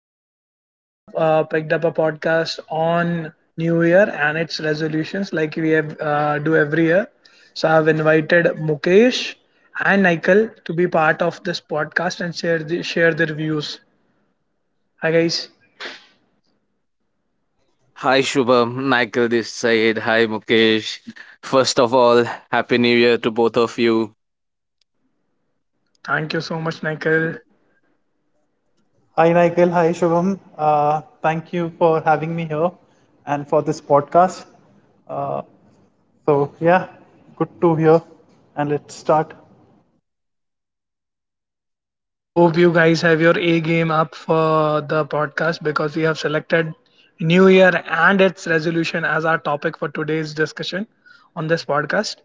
and today I've picked up a podcast on New Year and its resolutions, like we have, do every year. So I've invited Mukesh and Nikhil to be part of this podcast and share their views. Hi guys, Hi Shubham, Michael this side. Hi Mukesh. First of all, happy new year to both of you. thank you so much, Nikhil. Hi, Michael. Hi, Shubham. Thank you for having me here and for this podcast. Uh, so, yeah, Good to hear. And let's start. Hope you guys have your A game up for the podcast because we have selected New Year and its resolution as our topic for today's discussion on this podcast.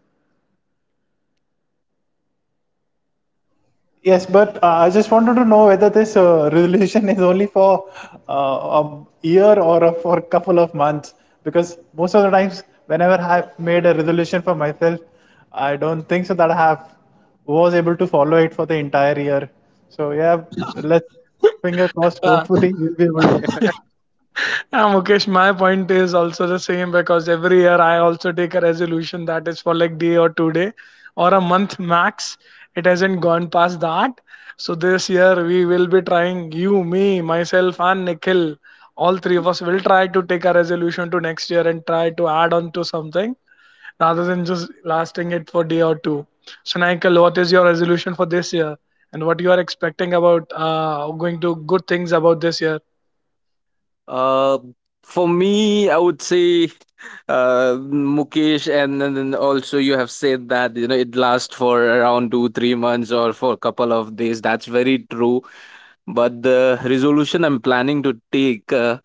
Yes, but I just wanted to know whether this resolution is only for a year or for a couple of months. Because most of the times, whenever I've made a resolution for myself, I don't think so that I have was able to follow it for the entire year. So yeah, let's finger crossed. Uh, Hopefully, we'll be able to. Mukesh, my point is also the same because every year I also take a resolution that is for like day or 2 day or a month max. It hasn't gone past that. So this year we will be trying you, me, myself, and Nikhil. All three of us will try to take a resolution to next year and try to add on to something rather than just lasting it for day or two. So Nikhil, what is your resolution for this year and what you are expecting about going to good things about this year? Uh for me, I would say Mukesh and then also you have said that you know it lasts for around 2 3 months or for a couple of days. That's very true. But the resolution I'm planning to take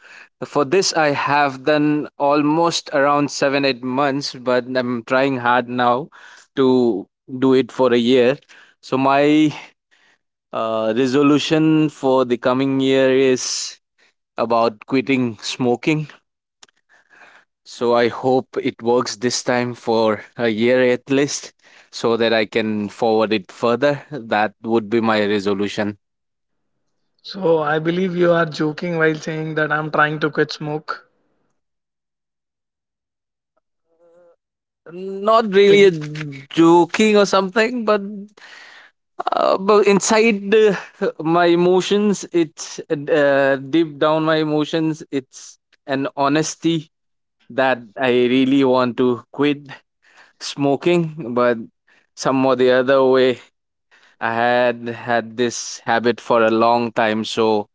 for this, I have done almost around 7, 8 months, but I'm trying hard now to do it for a year. So, my resolution for the coming year is about quitting smoking. So, I hope it works this time for a year at least so that I can forward it further. That would be my resolution. So I believe you are joking while saying that I'm trying to quit smoke. Not really a joking or something, but uh, but inside the, my emotions, it's deep down my emotions, it's an honesty that I really want to quit smoking, but some or the other way, I had had this habit for a long time, so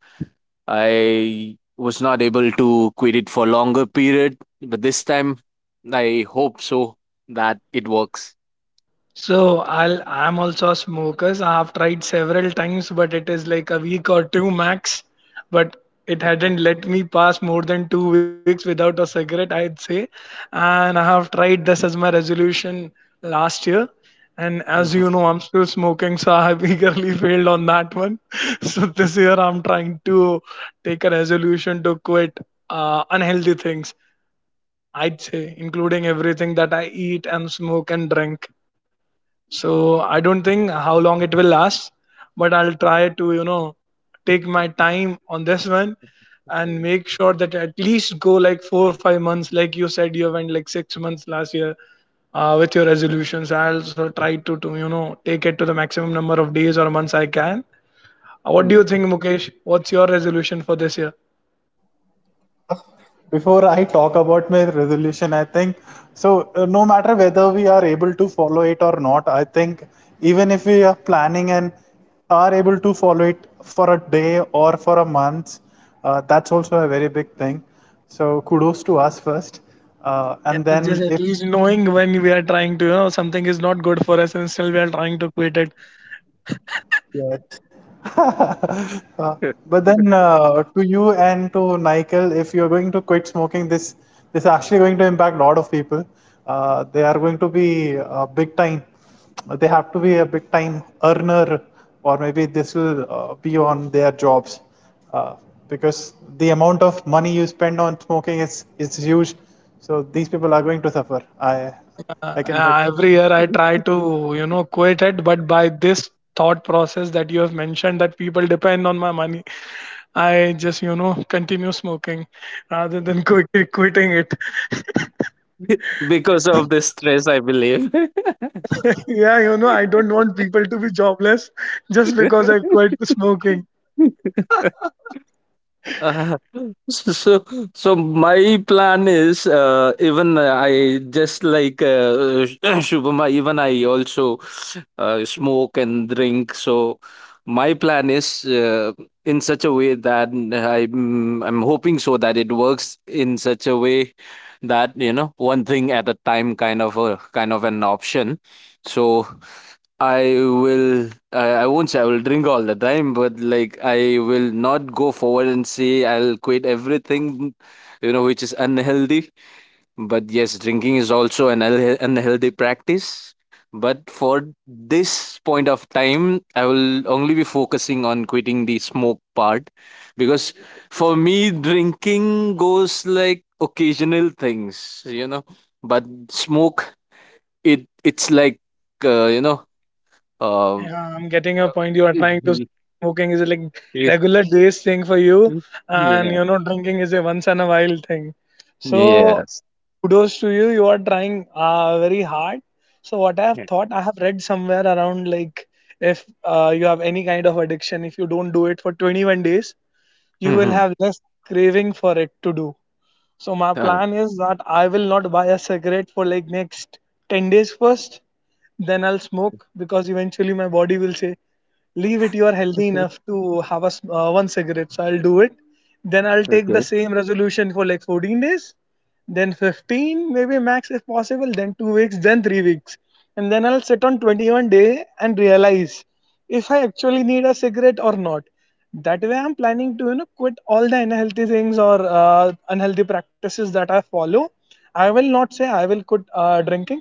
I was not able to quit it for longer period. But this time, I hope so that it works. So I'm also a smoker. So I have tried several times, but it is like a week or two max. But it hadn't let me pass more than 2 weeks without a cigarette, I'd say. And I have tried this as my resolution last year. And as you know, I'm still smoking, so I have eagerly failed on that one. So this year I'm trying to take a resolution to quit unhealthy things. I'd say, including everything that I eat and smoke and drink. So I don't think how long it will last, but I'll try to, you know, take my time on this one and Mhm. make sure that at least go like 4 or 5 months, like you said, you went like 6 months last year with your resolutions. I also try to, you know, take it to the maximum number of days or months I can. What do you Mm. think, Mukesh? What's your resolution for this year? Before I talk about my resolution, I think so. No matter whether we are able to follow it or not, I think even if we are planning and are able to follow it for a day or for a month, that's also a very big thing. So kudos to us first, Yeah, and then just at if— least knowing when we are trying to, you know, something is not good for us and still we are trying to quit it. yeah. Uh, but then to you and to Nigel, if you're going to quit smoking, this is actually going to impact a lot of people. They are going to be big time. They have to be a big time earner, or maybe this will be on their jobs, uh, because the amount of money you spend on smoking is huge. So these people are going to suffer. I I can bet. Yeah, every year I try to, you know, quit it, but by this thought process that you have mentioned that people depend on my money, I just, you know, continue smoking rather than quickly quitting it. Because of the stress, I believe. Yeah, you know, I don't want people to be jobless just because I quit smoking. Uh, so so my plan is even I just like Shubham, even I also smoke and drink. So my plan is, in such a way that I'm hoping so that it works in such a way that you know one thing at a time, kind of an option. So I I won't say I will drink all the time, but like I will not go forward and say I'll quit everything, you know, which is unhealthy. But yes, drinking is also an unhealthy practice. But for this point of time, I will only be focusing on quitting the smoke part, because for me, drinking goes like occasional things, you know. But smoke, it's like, uh, you know, uh, Yeah, I'm getting a point. You are trying to Mhm. smoking is a like Yeah. regular days thing for you, and you know drinking is a once in a while thing. So Yes. kudos to you. You are trying very hard. So what I have Mm-hmm. Yeah. thought, I have read somewhere around like if you have any kind of addiction, if you don't do it for 21 days, you will Mhm. have less craving for it to do. So my Uh, plan is that I will not buy a cigarette for like next 10 days first. Then I'll smoke because eventually my body will say, leave it, you are healthy enough to have one cigarette. So I'll do it. Then I'll take the okay. same resolution for like 14 days, then 15 maybe max if possible, then 2 weeks, then 3 weeks, and then I'll sit on 21 day and realize if I actually need a cigarette or not. That way I'm planning to, you know, quit all the unhealthy things or unhealthy practices that I follow. I will not say I will quit drinking,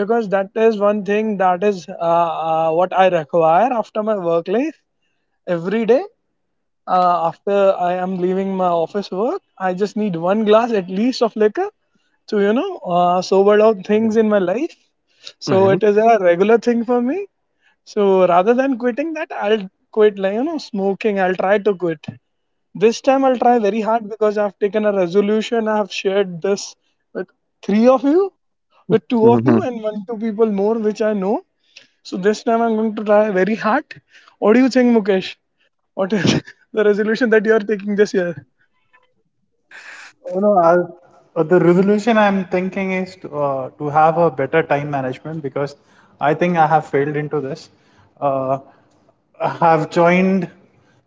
because that is one thing that is what I require after my work life every day. After I am leaving my office work, I just need one glass at least of liquor to, you know, sober down things in my life. So it is Mhm. a regular thing for me. So rather than quitting that, I'll quit like, you know, smoking. I'll try to quit. This time I'll try very hard because I've taken a resolution. I've shared this with three of you, with two of you and Mhm. one two people more which I know. So this time I'm going to try very hard. What do you think, Mukesh? What is the resolution that you are taking this year? Oh, no, the resolution I'm thinking is to have a better time management because I think I have failed into this. Uh, I have joined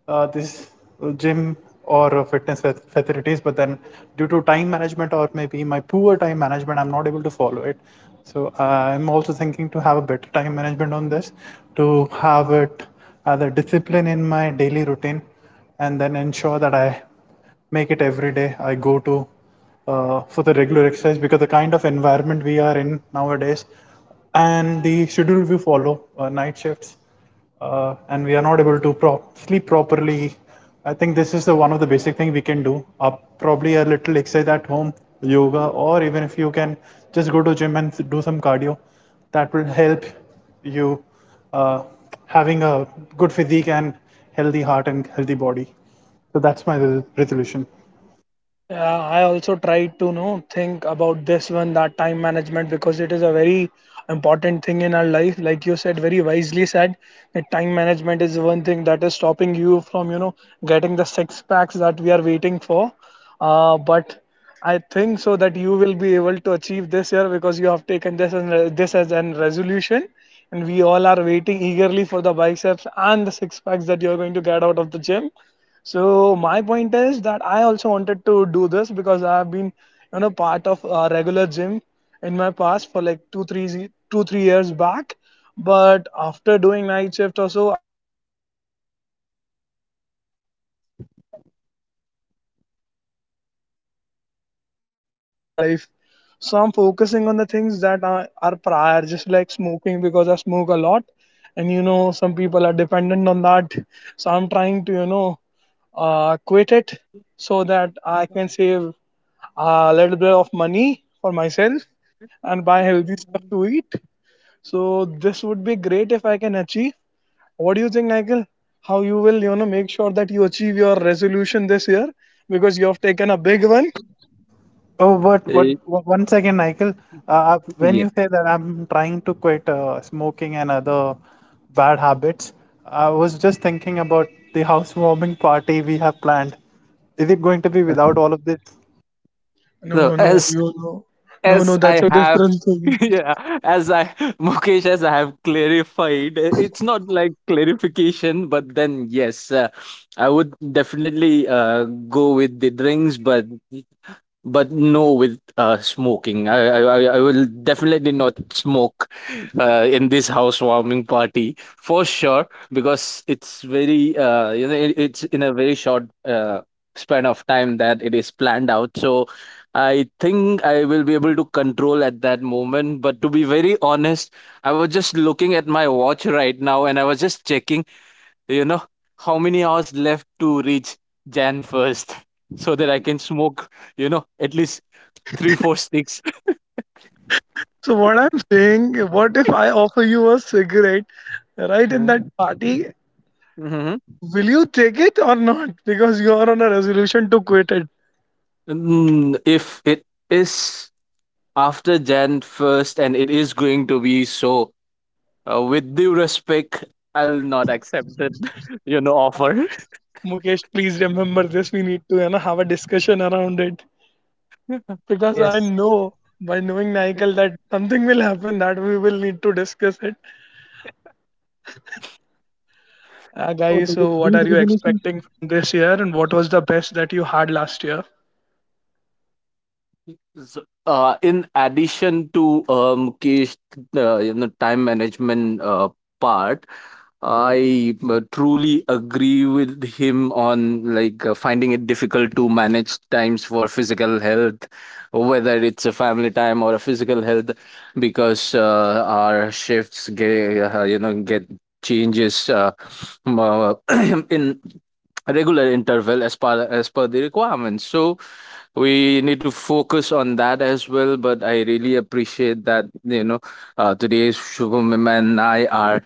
this gym or facilities, but then due to time management or maybe my poor time management, I'm not able to follow it. So I'm also thinking to have a better time management on this, to have it as a discipline in my daily routine, and then ensure that I make it every day. I go to for the regular exercise because the kind of environment we are in nowadays and the schedule we follow, night shifts, and we are not able to sleep properly. I think this is the one of the basic thing we can do. Up probably a little exercise at home, yoga, or even if you can just go to gym and do some cardio, that will help you uh, having a good physique and healthy heart and healthy body. So that's my resolution. Yeah, I also try to, you know, think about this one, that time management, because it is a very important thing in our life. Like you said, very wisely said that time management is one thing that is stopping you from, you know, getting the six packs that we are waiting for. But I think so that you will be able to achieve this year because you have taken this as an resolution, and we all are waiting eagerly for the biceps and the six packs that you are going to get out of the gym. So my point is that I also wanted to do this because I have been, you know, part of a regular gym in my past for like two, 3 years back. But after doing night shift or so, I'm not able to manage my time. But it is something that is, you know, deep down on the list that I have of unhealthy things in my life. So I'm focusing on the things that are prior, just like smoking because I smoke a lot, and you know, some people are dependent on that. So I'm trying to, you know, quit it, so that I can save a little bit of money for myself and buy healthy stuff to eat. So this would be great if I can achieve. What do you think, Nigel? How you will, you know, make sure that you achieve your resolution this year, because you have taken a big one. Oh, Eh, what— one second, Michael. Yeah. When you say that I'm trying to quit smoking and other bad habits, I was just thinking about the housewarming party we have planned. Is it going to be without all of this? So No, no, as you know, no, no, as that's I a have different thing. yeah, as I Mukesh, as I have clarified, it's not like clarification, but then yes, I would definitely go with the drinks, but no, with smoking, I will definitely not smoke in this housewarming party for sure, because it's very you know, it's in a very short span of time that it is planned out, so I think I will be able to control at that moment. But to be very honest, I was just looking at my watch right now and I was just checking, you know, how many hours left to reach January 1st so that I can smoke, you know, at least 3, 4 sticks. So what I'm saying, what if I offer you a cigarette right in Mm. that party? Mhm. Will you take it or not? Because you are on a resolution to quit it. Mm, if it is after January 1st and it is going to be so, with due respect, I'll not accept that, offer. Mukesh, please remember this. We need to, you know, have a discussion around it because I Yes. know by knowing Nigel that something will happen that we will need to discuss it. So Guys, so what these are you resolutions— expecting from this year and what was the best that you had last year? So, in addition to Mukesh, you know, time management part, I truly agree with him on like finding it difficult to manage times for physical health, whether it's a family time or a physical health, because our shifts get you know get changes m- uh, in regular interval as per the requirements. So we need to focus on that as well. But I really appreciate that, you know, today's Shubham and I are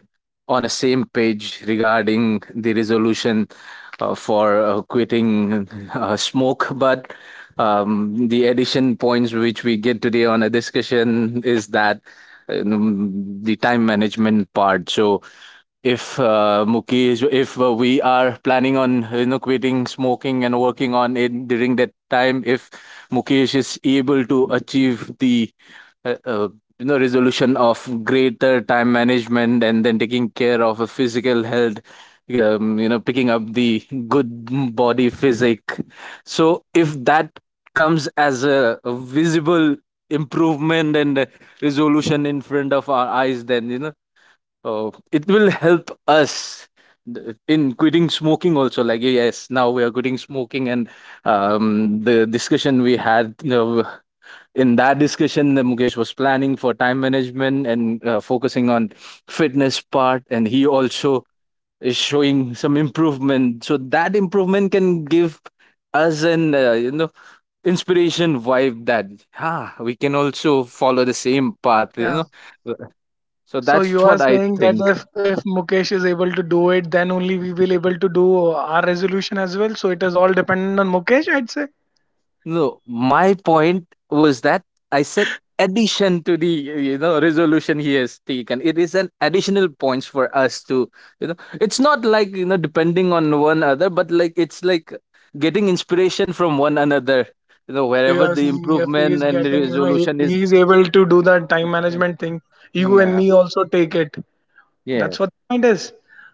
on the same page regarding the resolution for quitting smoke. But the addition points which we get today on a discussion is that, the time management part. So if Mukesh, if we are planning on you know quitting smoking and working on it during that time, if Mukesh is able to achieve the uh, uh, you know resolution of greater time management and then taking care of a physical health, you know picking up the good body physique. So if that comes as a visible improvement and resolution in front of our eyes, then you know, oh, it will help us in quitting smoking also. Like, yes, now we are quitting smoking, and the discussion we had, you know, in that discussion, the Mukesh was planning for time management and focusing on fitness part, and he also is showing some improvement. So that improvement can give us an you know inspiration vibe that ah we can also follow the same path. Yeah. You know, so So that's you what are I saying that think. If Mukesh is able to do it, then only we will able to do our resolution as well. So it is all dependent on Mukesh, I'd say. No, my point was that I said addition to the, you know, resolution he has taken. It is an additional points for us to. It's not like you know depending on one other, but like it's like getting inspiration from one another. You know So you wherever are the saying if he is improvement and the getting, you know, resolution is. he is able to do that time management thing, you and Yeah. me also take it. Yeah. That's what the point is.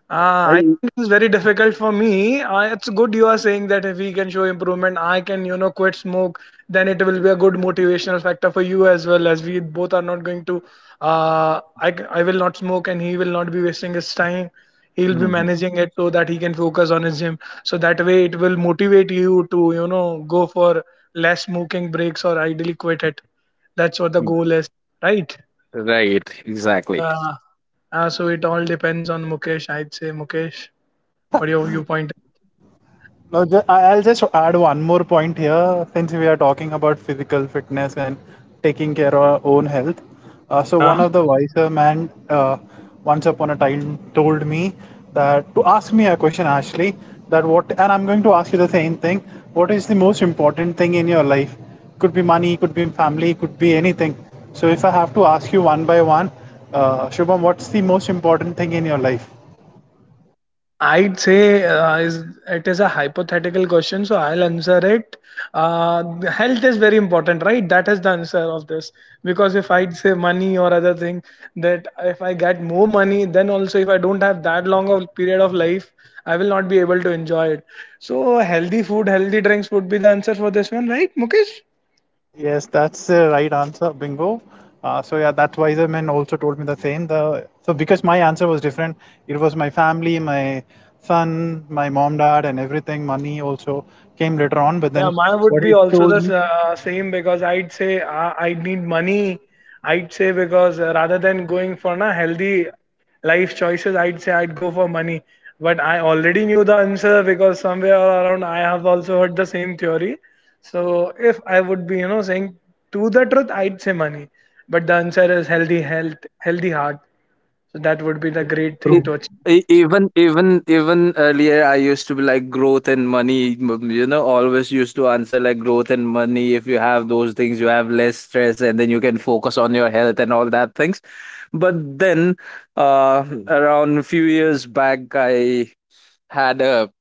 I I- think it's very difficult for me. It's good you are saying that if we can show improvement, I can, you know, quit smoke, then it will be a good motivational factor for you as well. As we both are not going to, I will not smoke and he will not be wasting his time. He'll be Mhm, managing it so that he can focus on his gym. So that way it will motivate you to, you know, go for less smoking breaks or ideally quit it. That's what the mhm. goal is, right? Right. Exactly. Uh, so it all depends on Mukesh. I'd say Mukesh, what your viewpoint? no, I'll just add one more point here since we are talking about physical fitness and taking care of our own health. So, Uh, one of the wiser men once upon a time told me that to ask me a question, Ashley, that what, and I'm going to ask you the same thing: what is the most important thing in your life? Could be money, could be family, could be anything. So, if I have to ask you one by one, Shubham, what's the most important thing in your life? I'd say is it is a hypothetical question, so I'll answer it. Uh, Health is very important, right? That is the answer of this, because if I'd say money or other thing, that if I get more money, then also if I don't have that long of period of life, I will not be able to enjoy it. So healthy food, healthy drinks would be the answer for this one, right, Mukesh? Yes, that's the right answer, bingo. That wiser man also told me the same. The so because my answer was different, it was my family, my son, my mom, dad, and everything. Money also came later on, but Yeah, then mine would what he be also the told me— same, because I'd say I'd need money. I'd say because rather than going for na healthy life choices, I'd say I'd go for money. But I already knew the answer because somewhere around I have also heard the same theory. So if I would be, you know, saying to the truth, I'd say money. But the answer is healthy health, healthy heart. So that would be the great true. thing E- to achieve. even earlier I used to be like growth and money, you know, always used to answer like growth and money. If you have those things, you have less stress, and then you can focus on your health and all that things. But then uh Hmm. around a few years back, I had a,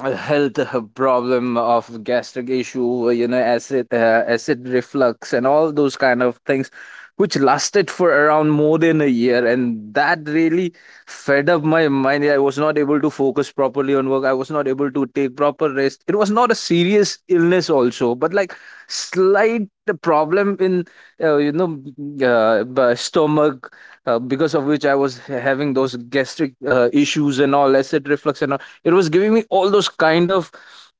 a health problem of gastric issue, you know, acid, acid reflux and all those kind of things, which lasted for around more than a year, and that really fed up my mind. Yeah, I was not able to focus properly on work. I was not able to take proper rest. It was not a serious illness, also, but like slight problem in uh, you know stomach, because of which I was having those gastric issues and all, acid reflux and all. It was giving me all those kind of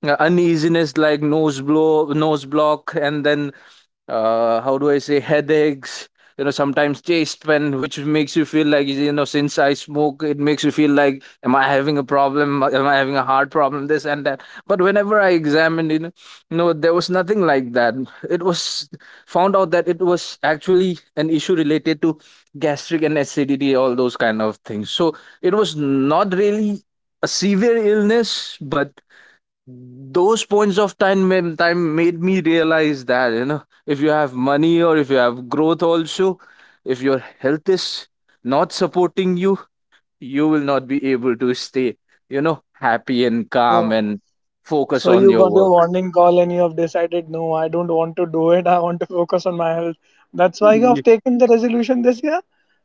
uneasiness, like nose blow, nose block, and then how do I say, headaches. You know, sometimes chest pain, which makes you feel like, you know, since I smoke, it makes you feel like, am I having a problem? Am I having a heart problem? This and that. But whenever I examined, you know, no, there was nothing like that. It was found out that it was actually an issue related to gastric and acidity, all those kind of things. So it was not really a severe illness, but those points of time made me realize that, you know, if you have money or if you have growth also, if your health is not supporting you, you will not be able to stay, you know, happy and calm So and focus So on you your got your work. warning call and you have decided, no, I don't want to do it. I want to focus on my health. That's why you have Ye- taken the resolution this year,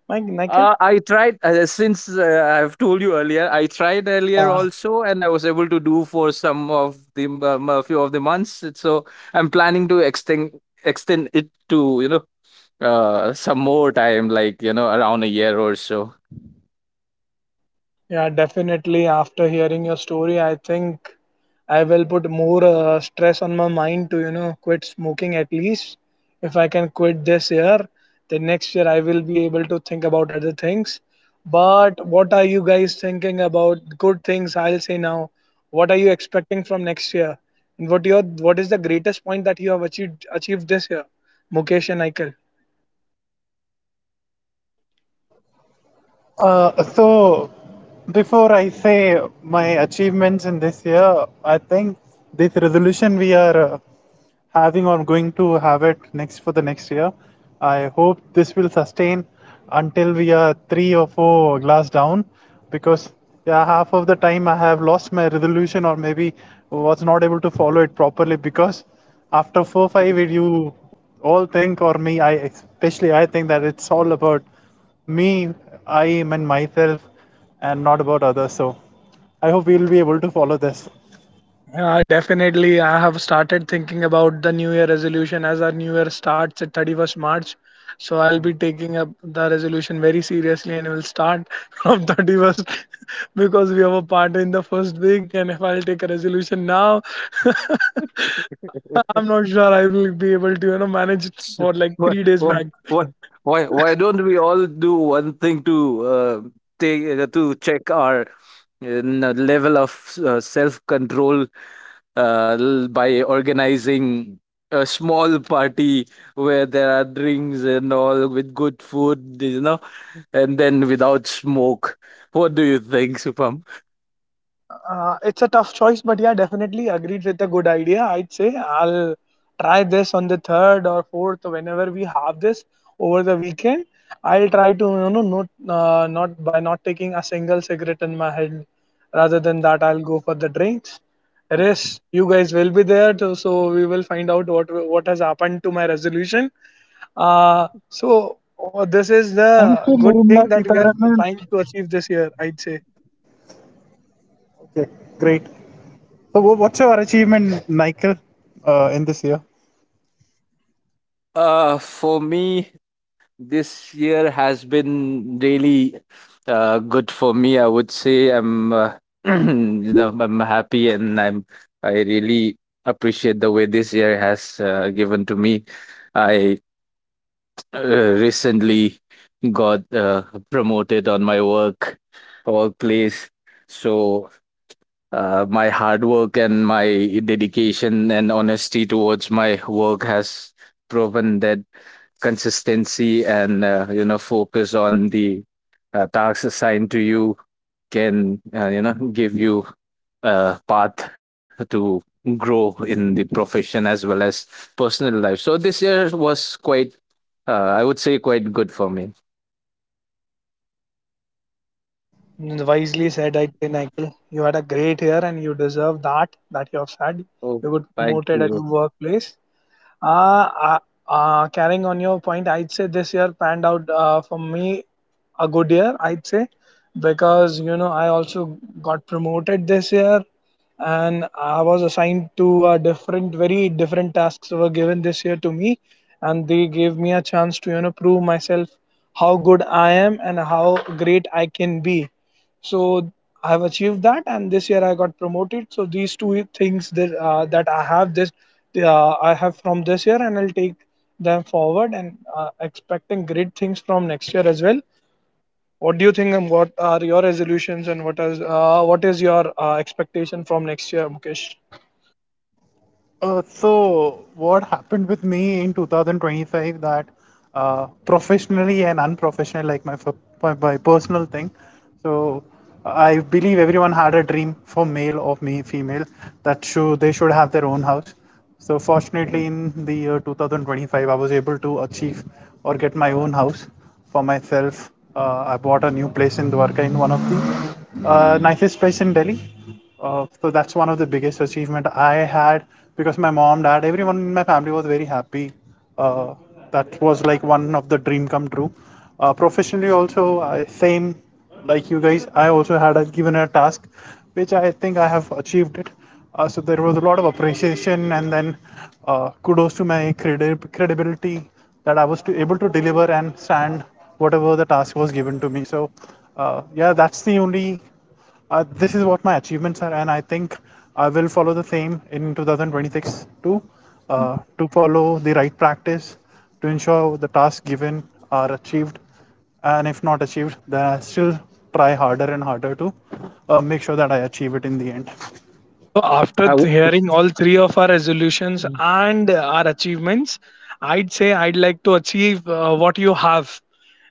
Mike Michael. I tried, since I've told you earlier, I tried earlier also, and I was able to do for some of the a few of the months. So I'm planning to extend it to, you know, some more time, like, you know, around a year or so. Yeah, definitely. After hearing your story, I think I will put more stress on my mind to, you know, quit smoking at least. If I can quit this year, then next year I will be able to think about other things. But what are you guys thinking about? Good things, I'll say now. What are you expecting from next year? And what your what is the greatest point that you have achieved this year, Mukesh and Aikal? So before I say my achievements in this year, I think this resolution we are having or going to have it next for the next year. I hope this will sustain until we are three or four glass down because yeah, half of the time I have lost my resolution or maybe was not able to follow it properly because after four five you all think or me I especially I think that it's all about me, I am and myself and not about others. So I hope we'll be able to follow this. Yeah, definitely, I have started thinking about the New Year resolution as our New Year starts at 31st March. So I'll be taking up the resolution very seriously and will start from 31st because we have a party in the first week. And if I'll take a resolution now, I'm not sure I will be able to, you know, manage it for like Why, 3 days. why, why, why don't we all do one thing to take to check our n- level of self control, by organizing a small party where there are drinks and all with good food, you know, and then without smoke. What do you think, Supam? It's a tough choice, but yeah, definitely agreed with a good idea. I'd say I'll try this on the third or fourth whenever we have this over the weekend. I'll try to you know not not by not taking a single cigarette in my head. Rather than that, I'll go for the drinks. Yes, you guys will be there, too, so we will find out what has happened to my resolution. Oh, this is And thanks to the good Nirmala thing that we are Sitaraman. trying to achieve this year, I'd say. Okay, great. So, what's your achievement, Michael, in this year? For me, this year has been really good for me. I would say, you know, I'm happy and I really appreciate the way this year has given to me. I recently got promoted on my workplace. So my hard work and my dedication and honesty towards my work has proven that consistency and you know focus on the tasks assigned to you can you know give you a path to grow in the profession as well as personal life. So this year was quite I would say quite good for me. Wisely said, I think, Nikhil. You had a great year and you deserve that, that you have said. Oh, You got thank promoted at you. your workplace. Uh, uh, Carrying on your point, I'd say this year panned out for me a good year, I'd say, because you know I also got promoted this year, and I was assigned to a different, very different tasks were given this year to me, and they gave me a chance to you know prove myself how good I am and how great I can be. So I have achieved that, and this year I got promoted. So these two things that I have this I have from this year, and I'll take them forward and expecting great things from next year as well. What do you think, and what are your resolutions, and what is your expectation from next year, Mukesh? So, what happened with me in 2025 that professionally and unprofessionally, like my personal thing. So, I believe everyone had a dream for male or me, female that they should have their own house. So fortunately, in the year 2025, I was able to achieve or get my own house for myself. I bought a new place in Dwarka in one of the nicest place in Delhi. So that's one of the biggest achievement I had because my mom, dad, everyone in my family was very happy, uh, that was like one of the dream come true. Professionally also I, same like you guys, I also had given a task which I think I have achieved it. So there was a lot of appreciation and then kudos to my credibility that I able to deliver and stand whatever the task was given to me. So yeah that's the only This is what my achievements are, and I think I will follow the same in 2026 too, to follow the right practice to ensure the tasks given are achieved. And if not achieved, then I still try harder and harder to make sure that I achieve it in the end. So I after w- hearing all three of our resolutions and our achievements, I'd say I'd like to achieve what you have.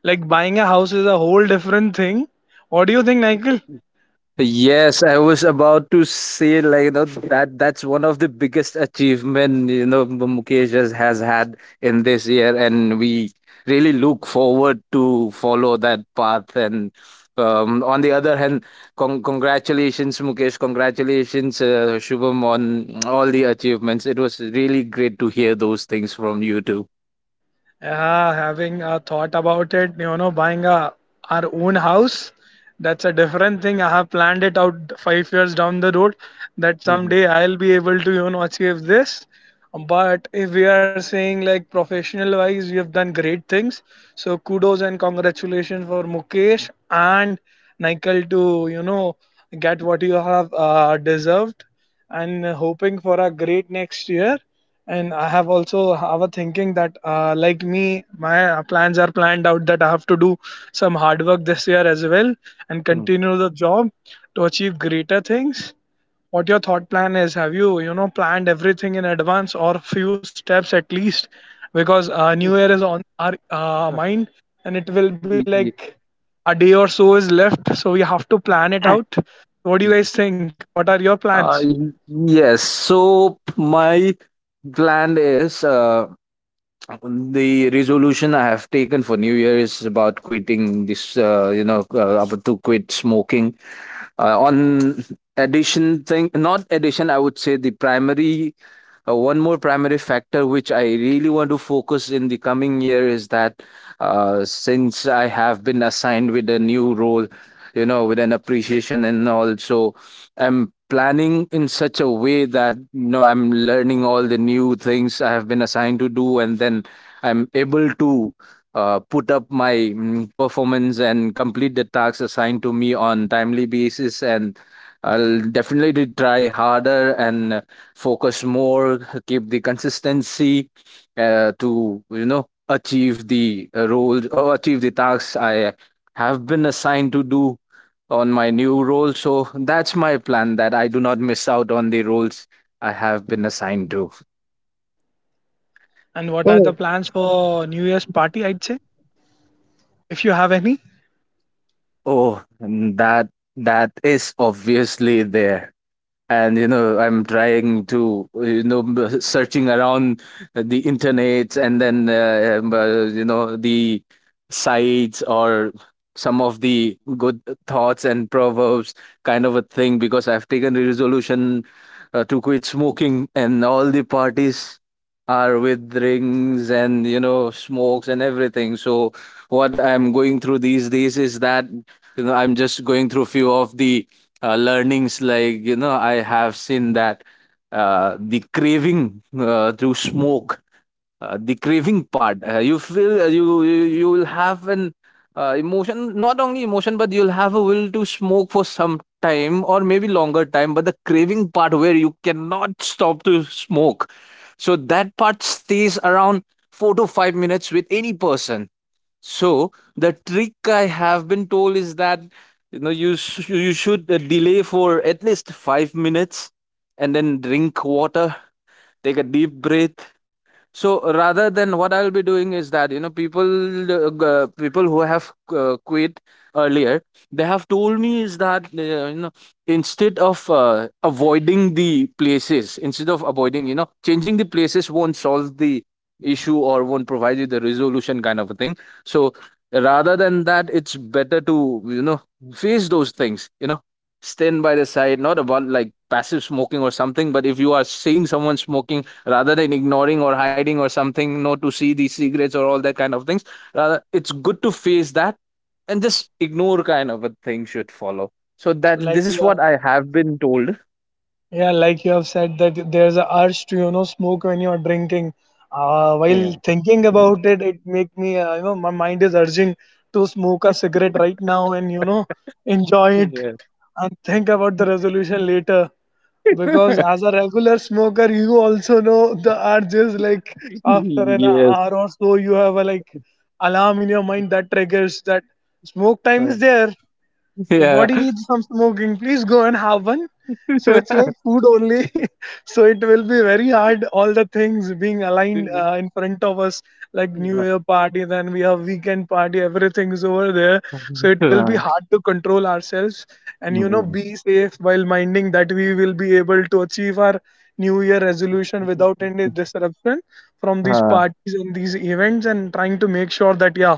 Like buying a house is a whole different thing. What do you think, Michael? Yes, I was about to say, like, you know, that that's one of the biggest achievement, you know, Mukesh has had in this year, and we really look forward to follow that path. And on the other hand, congratulations, Mukesh! Congratulations, Shubham, on all the achievements. It was really great to hear those things from you too. Yeah, having a thought about it, you know, buying a our own house, that's a different thing. I have planned it out 5 years down the road that Mhm. someday I'll be able to, you know, achieve this. But if we are saying like professional wise, you have done great things. So kudos and congratulations for Mukesh and Nikhil to, you know, get what you have deserved and hoping for a great next year. And I have also have a thinking that like me my plans are planned out that I have to do some hard work this year as well and Mm. continue the job to achieve greater things. What your thought plan is, have you you know planned everything in advance or few steps at least, because new year is on our mind and it will be Y- like a day or so is left, so we have to plan it out. What do you y- guys think, what are your plans Uh, y- yes. So my plan is, the resolution I have taken for New Year is about quitting this. You know, about to quit smoking. On addition thing, not addition, I would say, the primary one more primary factor which I really want to focus in the coming year is that, since I have been assigned with a new role, you know, with an appreciation and all, so I'm planning in such a way that, you know, I'm learning all the new things I have been assigned to do, and then I'm able to, put up my, performance and complete the tasks assigned to me on timely basis. And I'll definitely try harder and focus more, keep the consistency, to, you know, achieve the roles or achieve the tasks I have been assigned to do on my new role. So that's my plan, that I do not miss out on the roles I have been assigned to. and what are the Oh, plans for new year's party, I'd say, if you have any? Oh, and that is obviously there. And you know I'm trying to, you know, searching around the internet and then you know the sites or some of the good thoughts and proverbs, kind of a thing, because I've taken the resolution to quit smoking. And all the parties are with rings and, you know, smokes and everything. So what I'm going through these days is that, you know, I'm just going through few of the learnings. Like, you know, I have seen that uh, the craving uh, through smoke the craving part, you feel, you will have an emotion, not only emotion, but you'll have a will to smoke for some time or maybe longer time. But the craving part where you cannot stop to smoke, so that part stays around 4 to 5 minutes with any person. So the trick I have been told is that, you know, you should, delay for at least 5 minutes, and then drink water, take a deep breath. So rather than, what I'll be doing is that, you know, people who have quit earlier, they have told me is that, you know, instead of avoiding the places, instead of avoiding, you know, changing the places won't solve the issue or won't provide you the resolution, kind of a thing. So rather than that, it's better to, you know, face those things. You know, stand by the side, not about like passive smoking or something, but if you are seeing someone smoking, rather than ignoring or hiding or something, not to see these secrets or all that kind of things, rather it's good to face that and just ignore, kind of a thing should follow. So So that, like this is you are, what I have been told. yeah, like you have said that there's a urge to you know smoke when you're drinking. While Yeah. thinking about it, it make me you know my mind is urging to smoke a cigarette right now and you know enjoy it Yes. and think about the resolution later. Because as a regular smoker, you also know the urge is like after an Yes. hour or so, you have a like alarm in your mind that triggers that smoke time uh, is there. Your yeah. body needs some smoking. Please go and have one. So it's like food only. So it will be very hard, all the things being aligned in front of us, like new Yeah. year party, then we have weekend party, everything is over there. So it will uh, be hard to control ourselves and you know mm, be safe while minding that we will be able to achieve our new year resolution without any disruption from these uh, parties and these events, and trying to make sure that yeah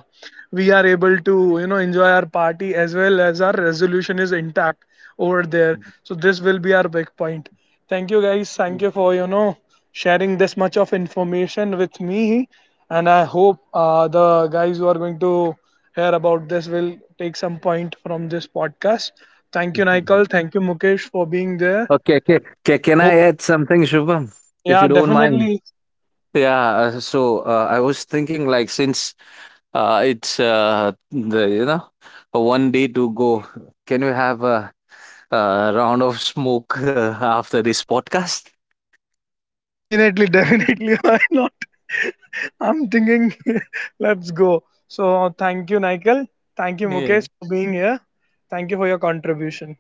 we are able to you know enjoy our party as well as our resolution is intact over there, so this will be our big point. Thank you guys. Thank you for you know sharing this much of information with me. And I hope the guys who are going to hear about this will take some point from this podcast. Thank you, Nikal. Thank you, Mukesh, for being there. okay, okay. Can I Hope, add something, Shubham, if yeah, you don't mind? definitely, Yeah, so I was thinking, like, since it's the you know, a one day to go, can we have a round of smoke after this podcast? definitely, definitely. Why not? I'm thinking, let's go. So thank you, Nikal. Thank you, Yeah, Mukesh, for being here. Thank you for your contribution.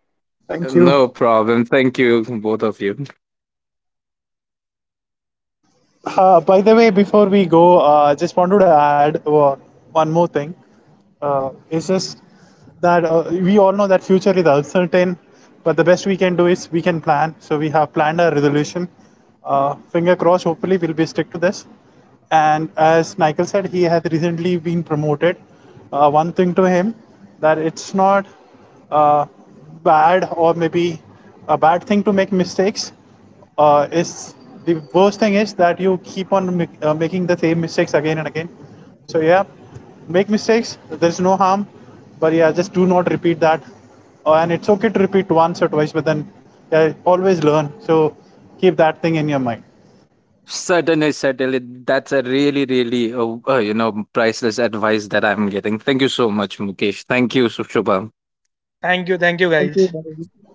thank you. no problem. Thank you, both of you. By the way, before we go, I just wanted to add one more thing. It's just that we all know that future is uncertain, but the best we can do is we can plan. So we have planned our resolution. Finger crossed. Hopefully, we'll be stick to this. And as Michael said, he has recently been promoted. One thing to him that it's not uh, bad or maybe a bad thing to make mistakes. Is the worst thing is that you keep on making the same mistakes again and again. So yeah, make mistakes. There's no harm, but yeah, just do not repeat that. And it's okay to repeat once or twice, but then yeah, always learn. So keep that thing in your mind. Certainly, certainly. That's a really, really, you know, priceless advice that I'm getting. Thank you so much, Mukesh. Thank you, Shubham. Thank you, Thank guys. you.